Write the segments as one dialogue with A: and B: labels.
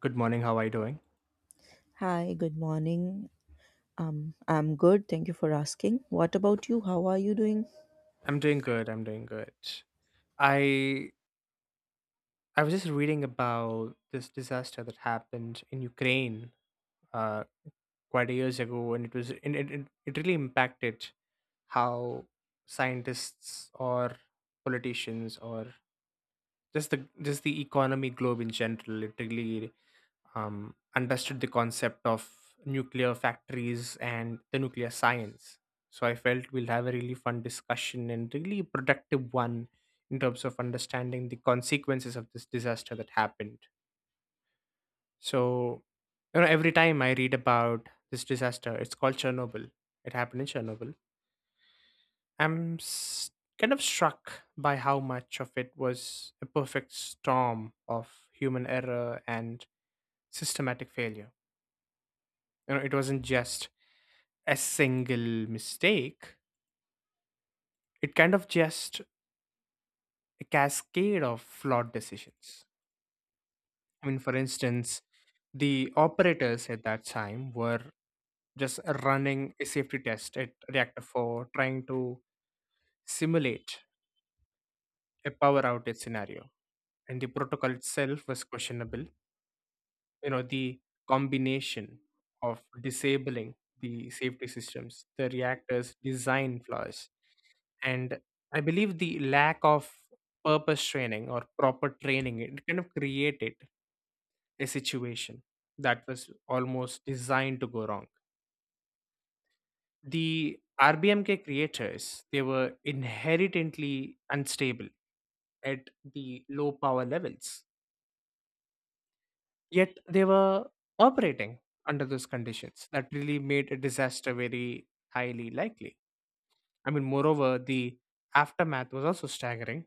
A: Good morning. How are you doing?
B: Hi, good morning. I'm good. Thank you for asking. What about you? How are you doing?
A: I'm doing good. I'm doing good. I I was just reading about this disaster that happened in Ukraine uh, quite a years ago, and it was and it really impacted how scientists or politicians or just the just the economy globe in general. It really understood the concept of nuclear factories and the nuclear science. So I felt we'll have a really fun discussion and really productive one in terms of understanding the consequences of this disaster that happened. So, every time I read about this disaster, it's called Chernobyl. It happened in Chernobyl. I'm s- Kind of struck by how much of it was a perfect storm of human error and systematic failure. You know, it wasn't just a single mistake, it kind of just a cascade of flawed decisions. I mean, for instance, the operators at that time were just running a safety test at reactor 4, trying to simulate a power outage scenario, and the protocol itself was questionable. You know, the combination of disabling the safety systems, the reactor's design flaws, and I believe the lack of purpose training or proper training, it kind of created a situation that was almost designed to go wrong. The RBMK creators, they were inherently unstable at the low power levels, yet they were operating under those conditions that really made a disaster very highly likely. I mean, moreover, the aftermath was also staggering.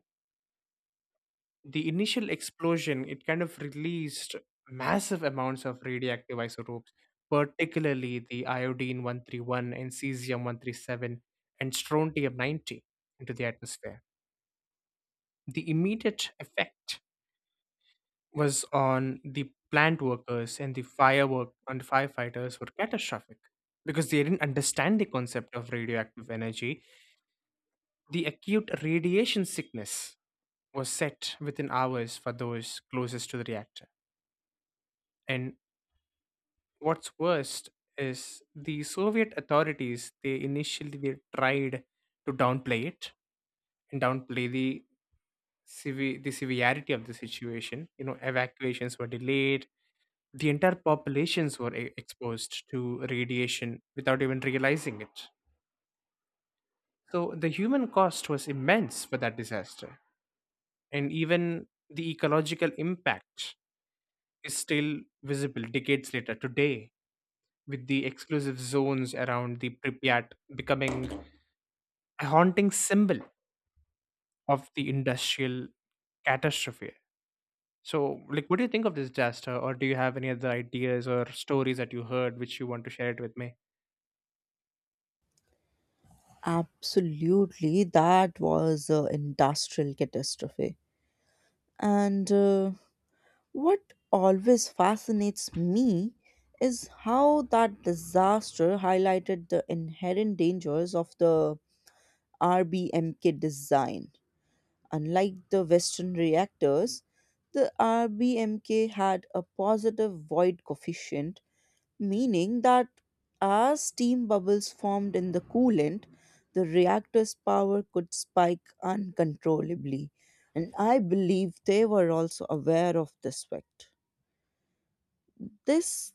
A: The initial explosion, it kind of released massive amounts of radioactive isotopes, particularly the iodine 131 and cesium 137 and strontium 90, into the atmosphere. The immediate effect was on the plant workers, and the firework and firefighters were catastrophic because they didn't understand the concept of radioactive energy. The acute radiation sickness was set within hours for those closest to the reactor. And what's worst is the Soviet authorities. They initially they tried to downplay it and downplay the the severity of the situation. You know, evacuations were delayed. The entire populations were exposed to radiation without even realizing it. So the human cost was immense for that disaster, and even the ecological impact is still visible decades later today, with the exclusive zones around the Pripyat becoming a haunting symbol of the industrial catastrophe. So, like, what do you think of this disaster, or do you have any other ideas or stories that you heard which you want to share it with me?
B: Absolutely. That was an industrial catastrophe. And What always fascinates me is how that disaster highlighted the inherent dangers of the RBMK design. Unlike the Western reactors, the RBMK had a positive void coefficient meaning that as steam bubbles formed in the coolant, the reactor's power could spike uncontrollably. And I believe they were also aware of this fact. This,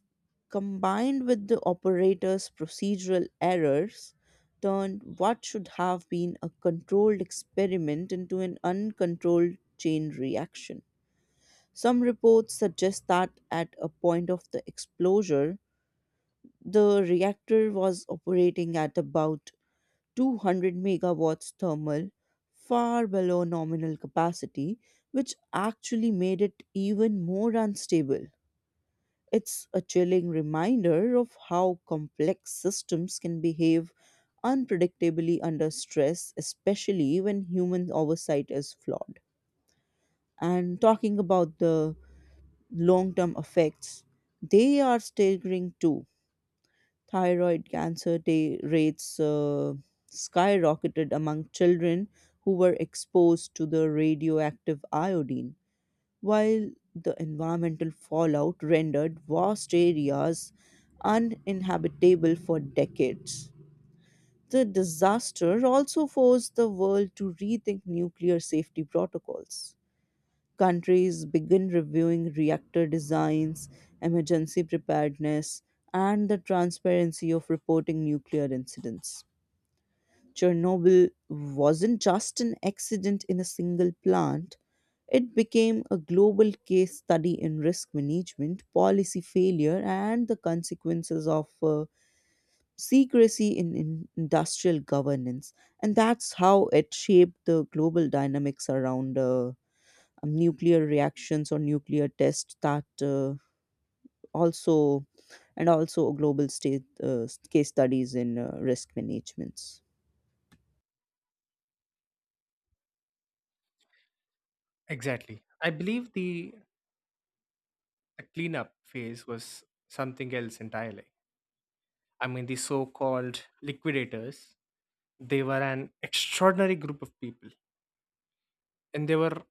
B: combined with the operator's procedural errors, turned what should have been a controlled experiment into an uncontrolled chain reaction. Some reports suggest that at a point of the explosion, the reactor was operating at about 200 megawatts thermal, far below nominal capacity, which actually made it even more unstable. It's a chilling reminder of how complex systems can behave unpredictably under stress, especially when human oversight is flawed. And talking about the long term effects, they are staggering too. Thyroid cancer rates skyrocketed among children who were exposed to the radioactive iodine, while the environmental fallout rendered vast areas uninhabitable for decades. The disaster also forced the world to rethink nuclear safety protocols countries begin reviewing reactor designs, emergency preparedness, and the transparency of reporting nuclear incidents. Chernobyl wasn't just an accident in a single plant, it became a global case study in risk management, policy failure, and the consequences of secrecy in industrial governance. And that's how it shaped the global dynamics around nuclear reactions or nuclear tests that also and also global state case studies in risk managements.
A: Exactly. I believe the cleanup phase was something else entirely. I mean, the so called liquidators, they were an extraordinary group of people, and they were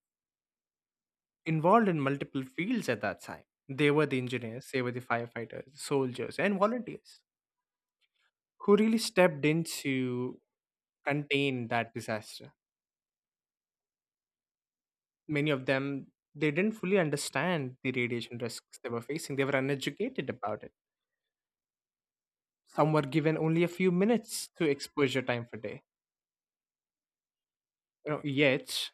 A: involved in multiple fields at that time. They were the engineers, they were the firefighters, soldiers, and volunteers who really stepped in to contain that disaster. Many of them they didn't fully understand the radiation risks they were facing. They were uneducated about it. Some were given only a few minutes to exposure time per day. You know, yet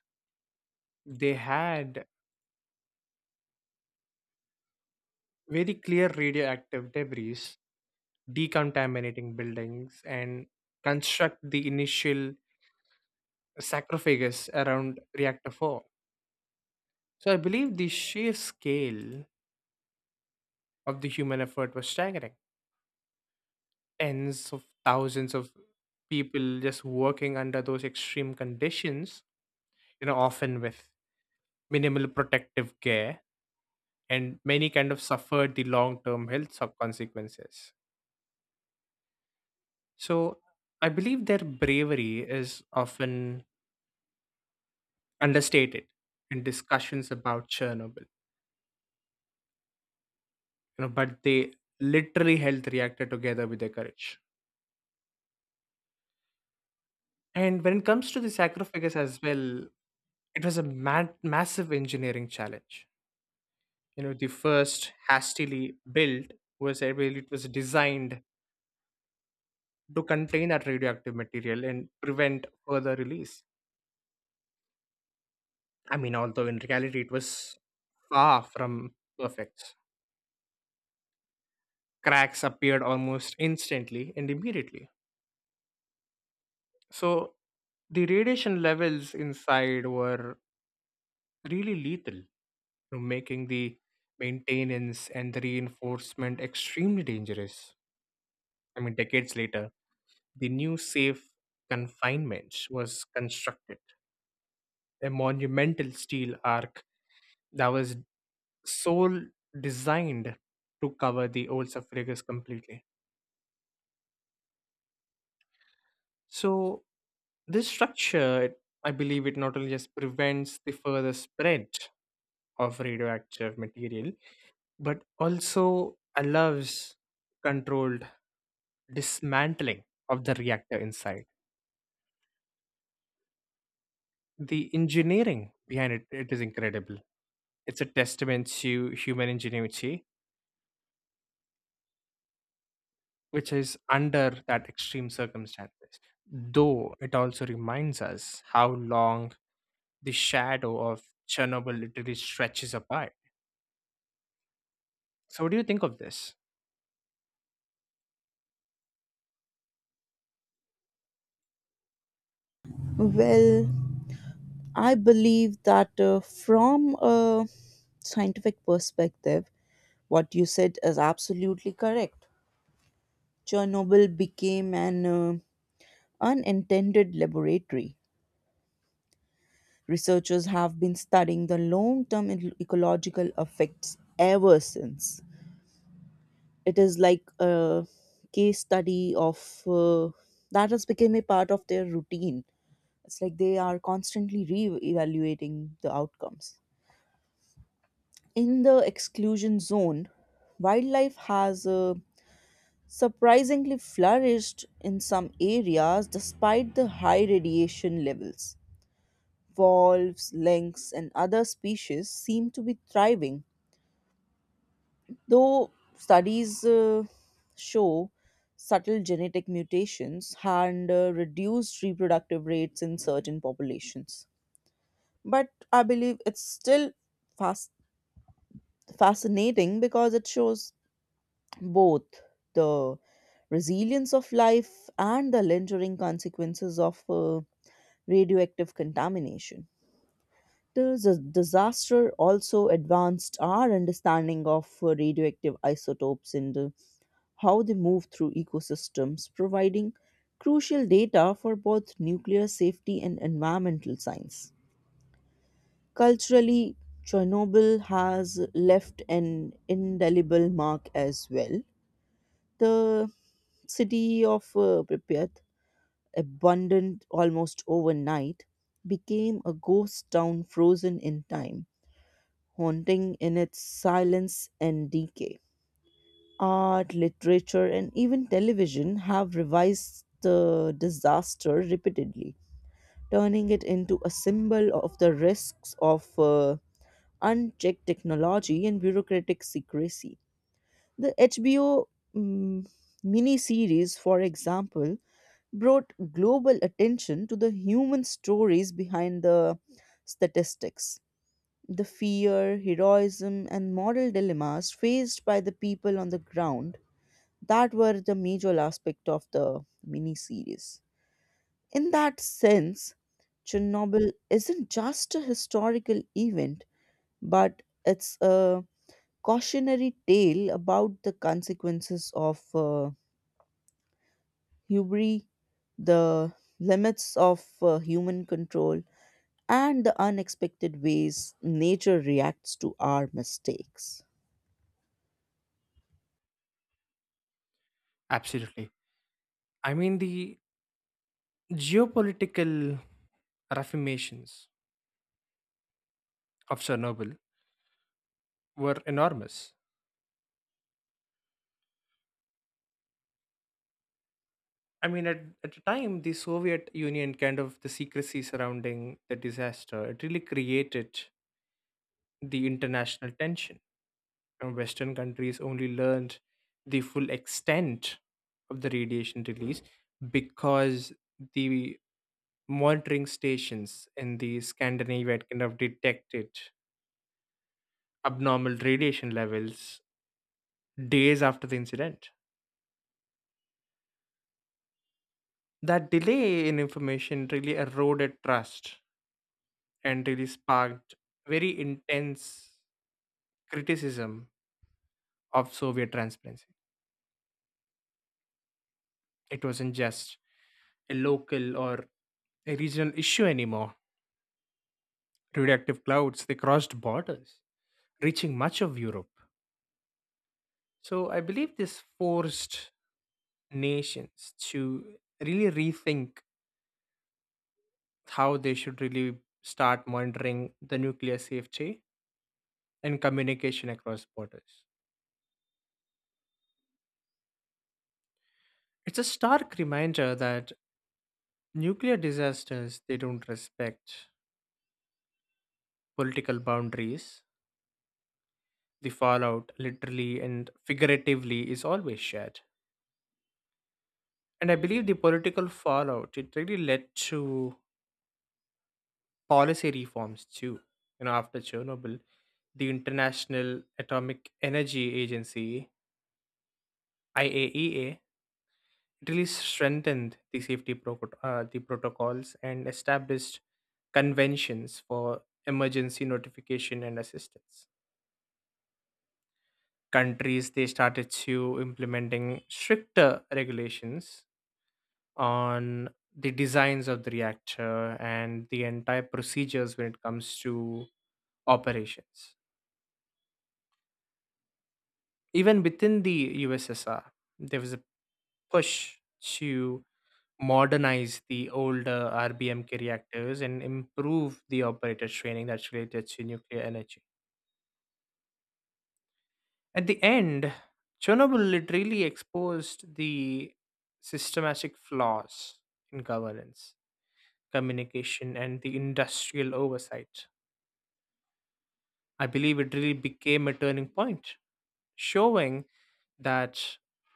A: they had very clear radioactive debris, decontaminating buildings and construct the initial sarcophagus around reactor 4. So I believe the sheer scale of the human effort was staggering. Tens of thousands of people just working under those extreme conditions, you know, often with minimal protective care, and many kind of suffered the long term health sub consequences. So I believe their bravery is often understated in discussions about Chernobyl. You know, but they literally health reacted together with their courage. And when it comes to the sacrifice as well, it was a massive engineering challenge. You know, the first hastily built was, I believe, it was designed to contain that radioactive material and prevent further release. I mean, although in reality it was far from perfect. Cracks appeared almost instantly and immediately. So the radiation levels inside were really lethal, you know, making the maintenance and the reinforcement extremely dangerous. I mean, decades later, the new safe confinement was constructed, a monumental steel arc that was sole designed to cover the old sarcophagus completely. So this structure, I believe, it not only just prevents the further spread of radioactive material, but also allows controlled dismantling of the reactor inside. The engineering behind it, it is incredible. It's a testament to human ingenuity which is under that extreme circumstances, though it also reminds us how long the shadow of Chernobyl literally stretches apart. So, what do you think of this?
B: Well, I believe that from a scientific perspective, what you said is absolutely correct. Chernobyl became an unintended laboratory. Researchers have been studying the long term ecological effects ever since. It is like a case study of uh, that has become a part of their routine. It's like they are constantly re evaluating the outcomes. In the exclusion zone, wildlife has surprisingly flourished in some areas despite the high radiation levels. Wolves, lynx, and other species seem to be thriving, though studies show subtle genetic mutations and reduced reproductive rates in certain populations. But I believe it's still fast, fascinating because it shows both the resilience of life and the lingering consequences of radioactive contamination. The disaster also advanced our understanding of radioactive isotopes and how they move through ecosystems, providing crucial data for both nuclear safety and environmental science. Culturally, Chernobyl has left an indelible mark as well. The city of Pripyat, abandoned almost overnight, became a ghost town frozen in time, haunting in its silence and decay. Art, literature, and even television have revised the disaster repeatedly, turning it into a symbol of the risks of unchecked technology and bureaucratic secrecy. The HBO mm, miniseries, for example, brought global attention to the human stories behind the statistics. The fear, heroism, and moral dilemmas faced by the people on the ground that were the major aspect of the miniseries. In that sense, Chernobyl isn't just a historical event, but it's a cautionary tale about the consequences of hubris, the limits of human control, and the unexpected ways nature reacts to our mistakes.
A: Absolutely. I mean, the geopolitical ramifications of Chernobyl were enormous. I mean, at the time, the Soviet Union kind of the secrecy surrounding the disaster, it really created the international tension. Western countries only learned the full extent of the radiation release because the monitoring stations in the Scandinavia had kind of detected abnormal radiation levels days after the incident. That delay in information really eroded trust and really sparked very intense criticism of Soviet transparency. It wasn't just a local or a regional issue anymore. Radioactive clouds, they crossed borders, reaching much of Europe. So I believe this forced nations to really rethink how they should really start monitoring the nuclear safety and communication across borders. It's a stark reminder that nuclear disasters, they don't respect political boundaries. The fallout, literally and figuratively, is always shared. And I believe the political fallout, it really led to policy reforms too. You know, after Chernobyl, the International Atomic Energy Agency (IAEA) really strengthened the the protocols and established conventions for emergency notification and assistance. Countries they started to implementing stricter regulations on the designs of the reactor and the entire procedures when it comes to operations. Even within the USSR, there was a push to modernize the older RBMK reactors and improve the operator training that's related to nuclear energy. At the end, Chernobyl literally exposed the systematic flaws in governance, communication, and the industrial oversight. I believe it really became a turning point, showing that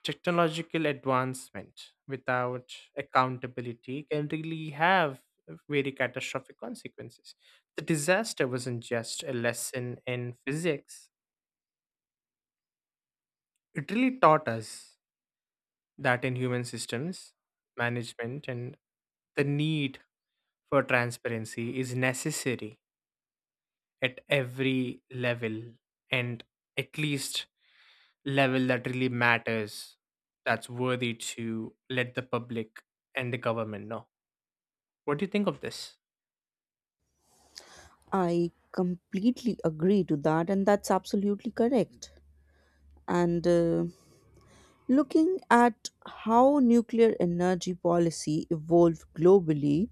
A: technological advancement without accountability can really have very catastrophic consequences. The disaster wasn't just a lesson in physics, it really taught us that in human systems, management and the need for transparency is necessary at every level, and at least level that really matters, that's worthy to let the public and the government know. What do you think of this?
B: I completely agree to that, and that's absolutely correct. And Looking at how nuclear energy policy evolved globally,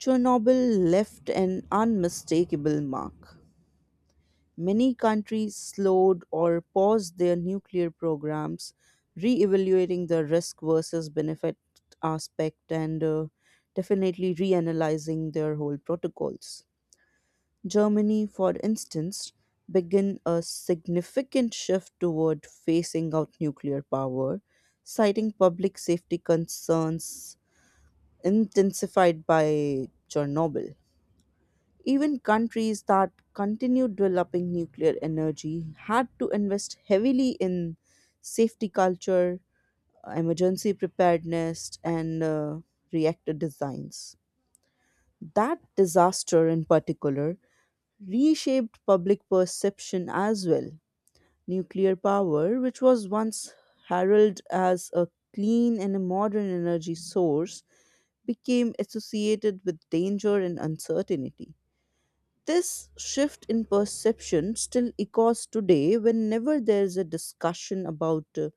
B: Chernobyl left an unmistakable mark. Many countries slowed or paused their nuclear programs, re evaluating the risk versus benefit aspect and definitely reanalyzing their whole protocols. Germany, for instance, began a significant shift toward phasing out nuclear power, citing public safety concerns intensified by Chernobyl. Even countries that continued developing nuclear energy had to invest heavily in safety culture, emergency preparedness, and reactor designs. That disaster, in particular, reshaped public perception as well. Nuclear power, which was once heralded as a clean and a modern energy source, became associated with danger and uncertainty. This shift in perception still echoes today whenever there's a discussion about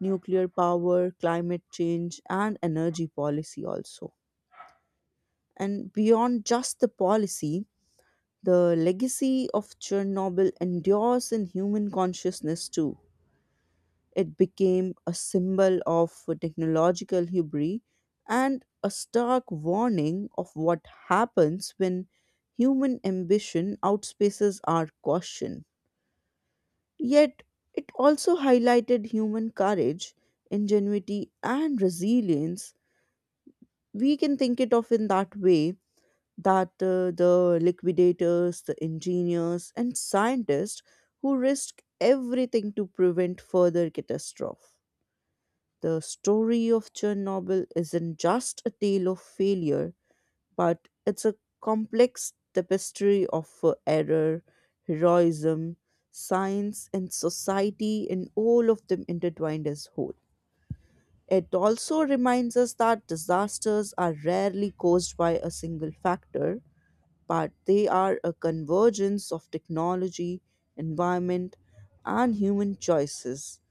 B: nuclear power, climate change, and energy policy, also. And beyond just the policy, the legacy of Chernobyl endures in human consciousness too. It became a symbol of technological hubris and a stark warning of what happens when human ambition outspaces our caution. Yet, it also highlighted human courage, ingenuity, and resilience. We can think it of in that way that the liquidators, the engineers, and scientists who risked everything to prevent further catastrophe. The story of Chernobyl isn't just a tale of failure, but it's a complex tapestry of error, heroism, science, and society, and all of them intertwined as whole. It also reminds us that disasters are rarely caused by a single factor, but they are a convergence of technology, environment, and human choices.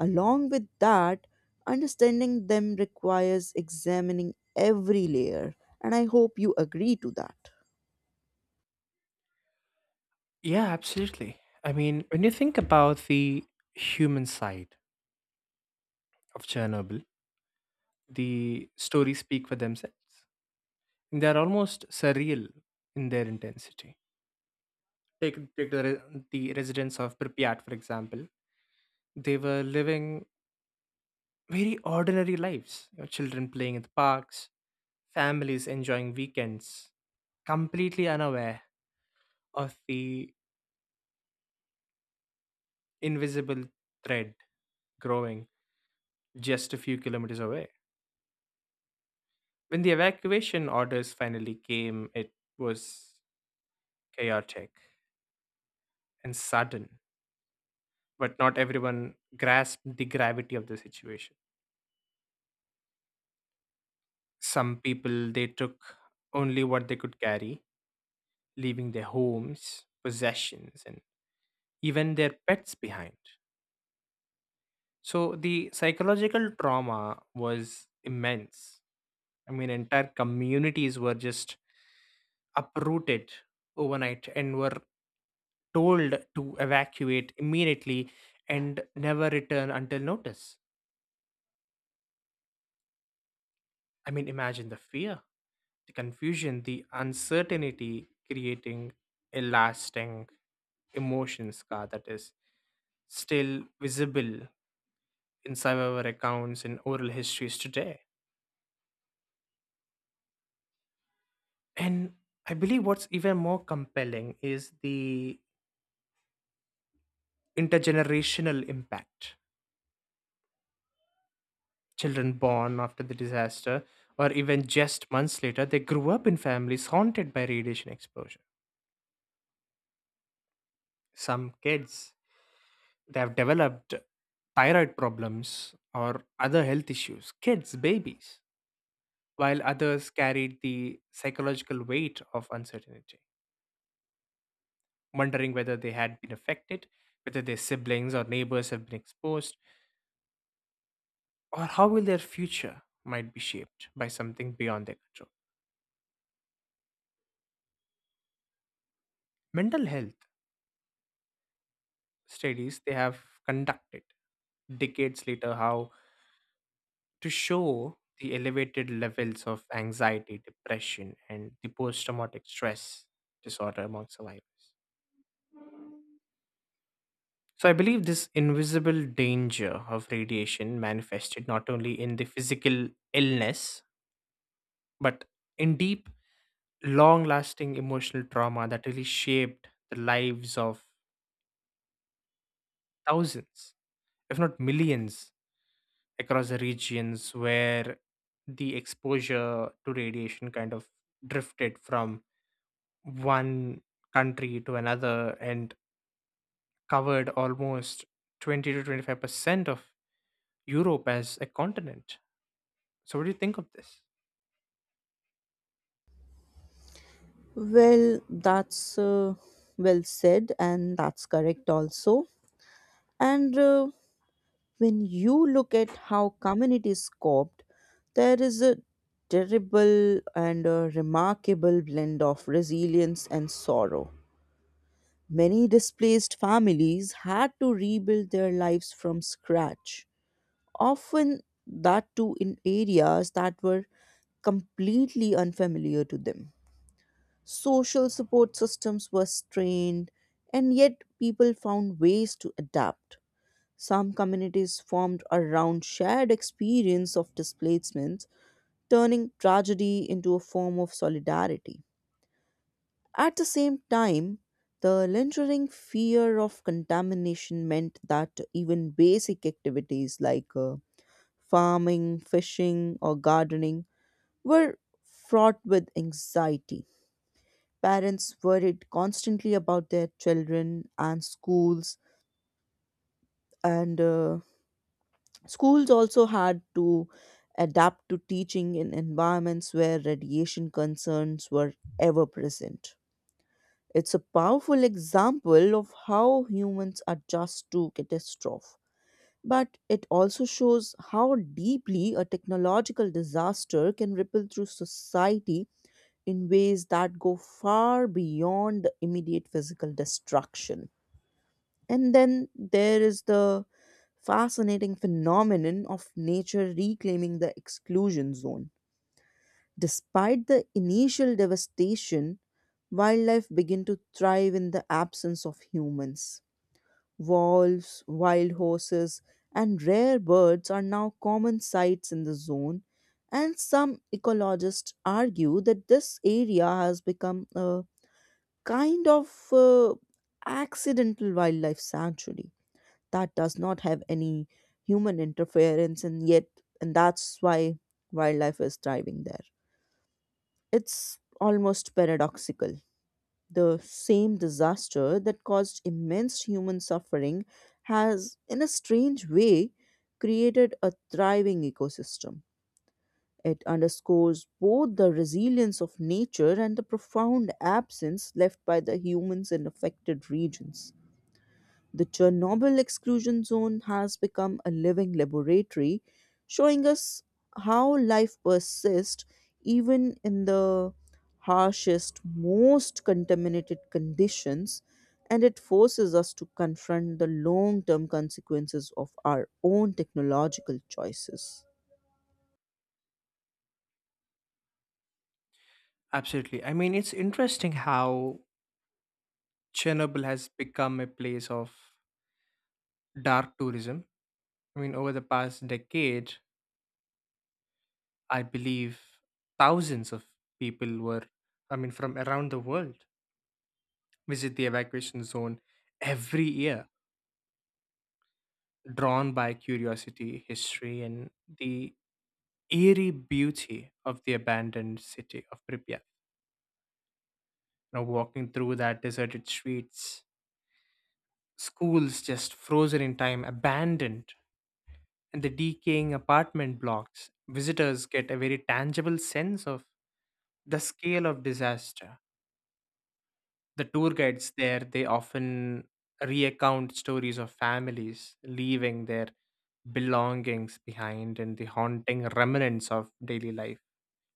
B: Along with that, understanding them requires examining every layer, and I hope you agree to that.
A: Yeah, absolutely. I mean, when you think about the human side of Chernobyl, the stories speak for themselves. They're almost surreal in their intensity. Take the residents of Pripyat, for example. They were living very ordinary lives. You know, children playing in the parks, families enjoying weekends, completely unaware of the invisible thread growing just a few kilometers away. When the evacuation orders finally came, it was chaotic and sudden, but not everyone grasped the gravity of the situation. Some people they took only what they could carry, leaving their homes, possessions, and even their pets behind. So the psychological trauma was immense. I mean, entire communities were just uprooted overnight and were told to evacuate immediately and never return until notice. I mean, imagine the fear, the confusion, the uncertainty creating a lasting emotion scar that is still visible in survivor accounts and oral histories today. And I believe what's even more compelling is the intergenerational impact. Children born after the disaster, or even just months later, they grew up in families haunted by radiation exposure. Some kids they have developed thyroid problems or other health issues. Kids, babies, while others carried the psychological weight of uncertainty, wondering whether they had been affected, whether their siblings or neighbors have been exposed, or how will their future might be shaped by something beyond their control. Mental health studies they have conducted decades later how to show the elevated levels of anxiety, depression, and the post traumatic stress disorder among survivors. So, I believe this invisible danger of radiation manifested not only in the physical illness, but in deep, long lasting emotional trauma that really shaped the lives of thousands, if not millions, across the regions where the exposure to radiation kind of drifted from one country to another and covered almost 20 to 25% of Europe as a continent. So, what do you think of this?
B: Well, that's well said, and that's correct also. And When you look at how communities coped, there is a terrible and a remarkable blend of resilience and sorrow. Many displaced families had to rebuild their lives from scratch, often that too in areas that were completely unfamiliar to them. Social support systems were strained, and yet people found ways to adapt. Some communities formed around shared experience of displacements, turning tragedy into a form of solidarity. At the same time, the lingering fear of contamination meant that even basic activities like farming, fishing, or gardening were fraught with anxiety. Parents worried constantly about their children and schools also had to adapt to teaching in environments where radiation concerns were ever present. It's a powerful example of how humans adjust to catastrophe. But it also shows how deeply a technological disaster can ripple through society in ways that go far beyond the immediate physical destruction. And then there is the fascinating phenomenon of nature reclaiming the exclusion zone. Despite the initial devastation, wildlife begin to thrive in the absence of humans. Wolves, wild horses, and rare birds are now common sights in the zone, and some ecologists argue that this area has become a kind of accidental wildlife sanctuary that does not have any human interference and yet and that's why wildlife is thriving there. It's almost paradoxical, the same disaster that caused immense human suffering has in a strange way created a thriving ecosystem. It underscores both the resilience of nature and the profound absence left by the humans in affected regions. The Chernobyl exclusion zone has become a living laboratory, showing us how life persists even in the harshest, most contaminated conditions, and it forces us to confront the long term consequences of our own technological choices.
A: Absolutely. I mean, it's interesting how Chernobyl has become a place of dark tourism. I mean, over the past decade, I believe thousands of people were, I mean, from around the world visit the evacuation zone every year, drawn by curiosity, history, and the eerie beauty of the abandoned city of Pripyat. You know, walking through that deserted streets, schools just frozen in time, abandoned, and the decaying apartment blocks, visitors get a very tangible sense of the scale of disaster. The tour guides there, they often recount stories of families leaving their belongings behind and the haunting remnants of daily life,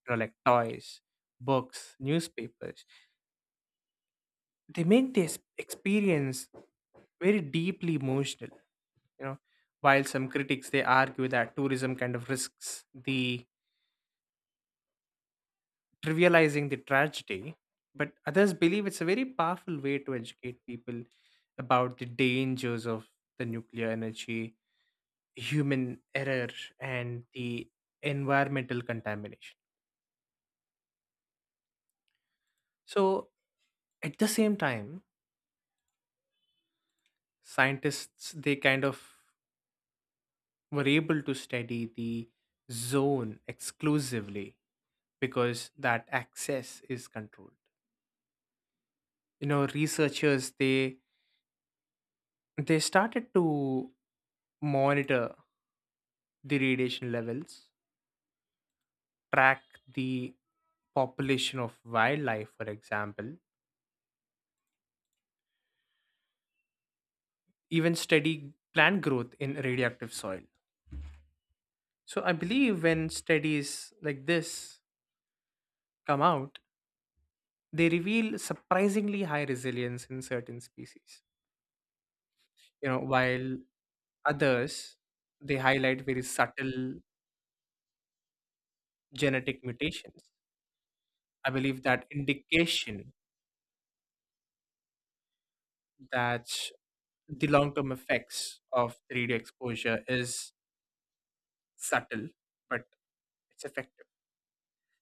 A: you know, like toys, books, newspapers, they make this experience very deeply emotional. You know, while some critics they argue that tourism kind of risks the trivializing the tragedy, but others believe it's a very powerful way to educate people about the dangers of the nuclear energy, human error, and the environmental contamination. So at the same time, scientists they kind of were able to study the zone exclusively because that access is controlled. You know, researchers they started to monitor the radiation levels, track the population of wildlife, for example, even study plant growth in radioactive soil. So I believe when studies like this come out, they reveal surprisingly high resilience in certain species. You know, while others, they highlight very subtle genetic mutations. I believe that indication that the long term effects of the radio exposure is subtle, but it's effective.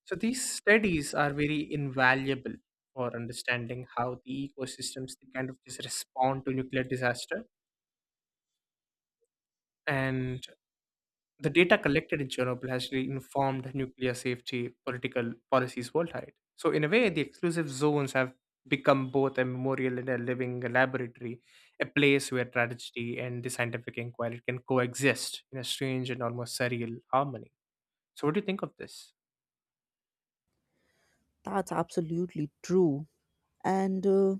A: So these studies are very invaluable for understanding how the ecosystems they kind of just respond to nuclear disaster. And the data collected in Chernobyl has really informed nuclear safety political policies worldwide. So, in a way, the exclusive zones have become both a memorial and a living laboratory, a place where tragedy and the scientific inquiry can coexist in a strange and almost surreal harmony. So, what do you think of this?
B: That's absolutely true. And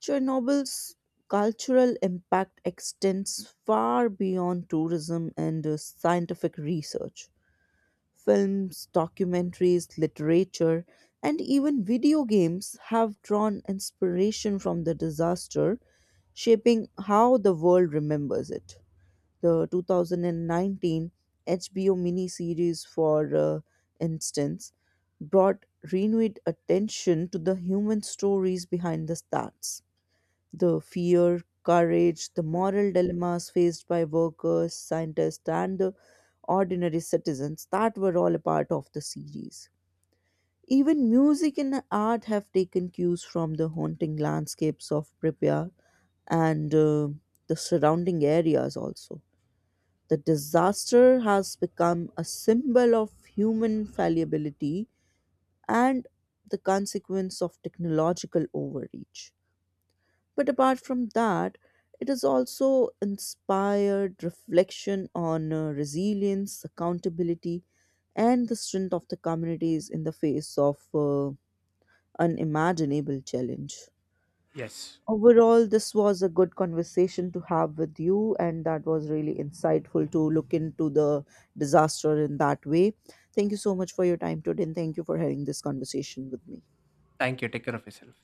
B: Chernobyl's cultural impact extends far beyond tourism and scientific research. Films, documentaries, literature, and even video games have drawn inspiration from the disaster, shaping how the world remembers it. The 2019 HBO miniseries, for instance, brought renewed attention to the human stories behind the stars the fear, courage, the moral dilemmas faced by workers, scientists, and the ordinary citizens that were all a part of the series. Even music and art have taken cues from the haunting landscapes of Pripyat and the surrounding areas also. The disaster has become a symbol of human fallibility and the consequence of technological overreach. But apart from that, it has also inspired reflection on resilience, accountability, and the strength of the communities in the face of unimaginable challenge.
A: Yes.
B: Overall, this was a good conversation to have with you, and that was really insightful to look into the disaster in that way. Thank you so much for your time today, and thank you for having this conversation with me.
A: Thank you. Take care of yourself.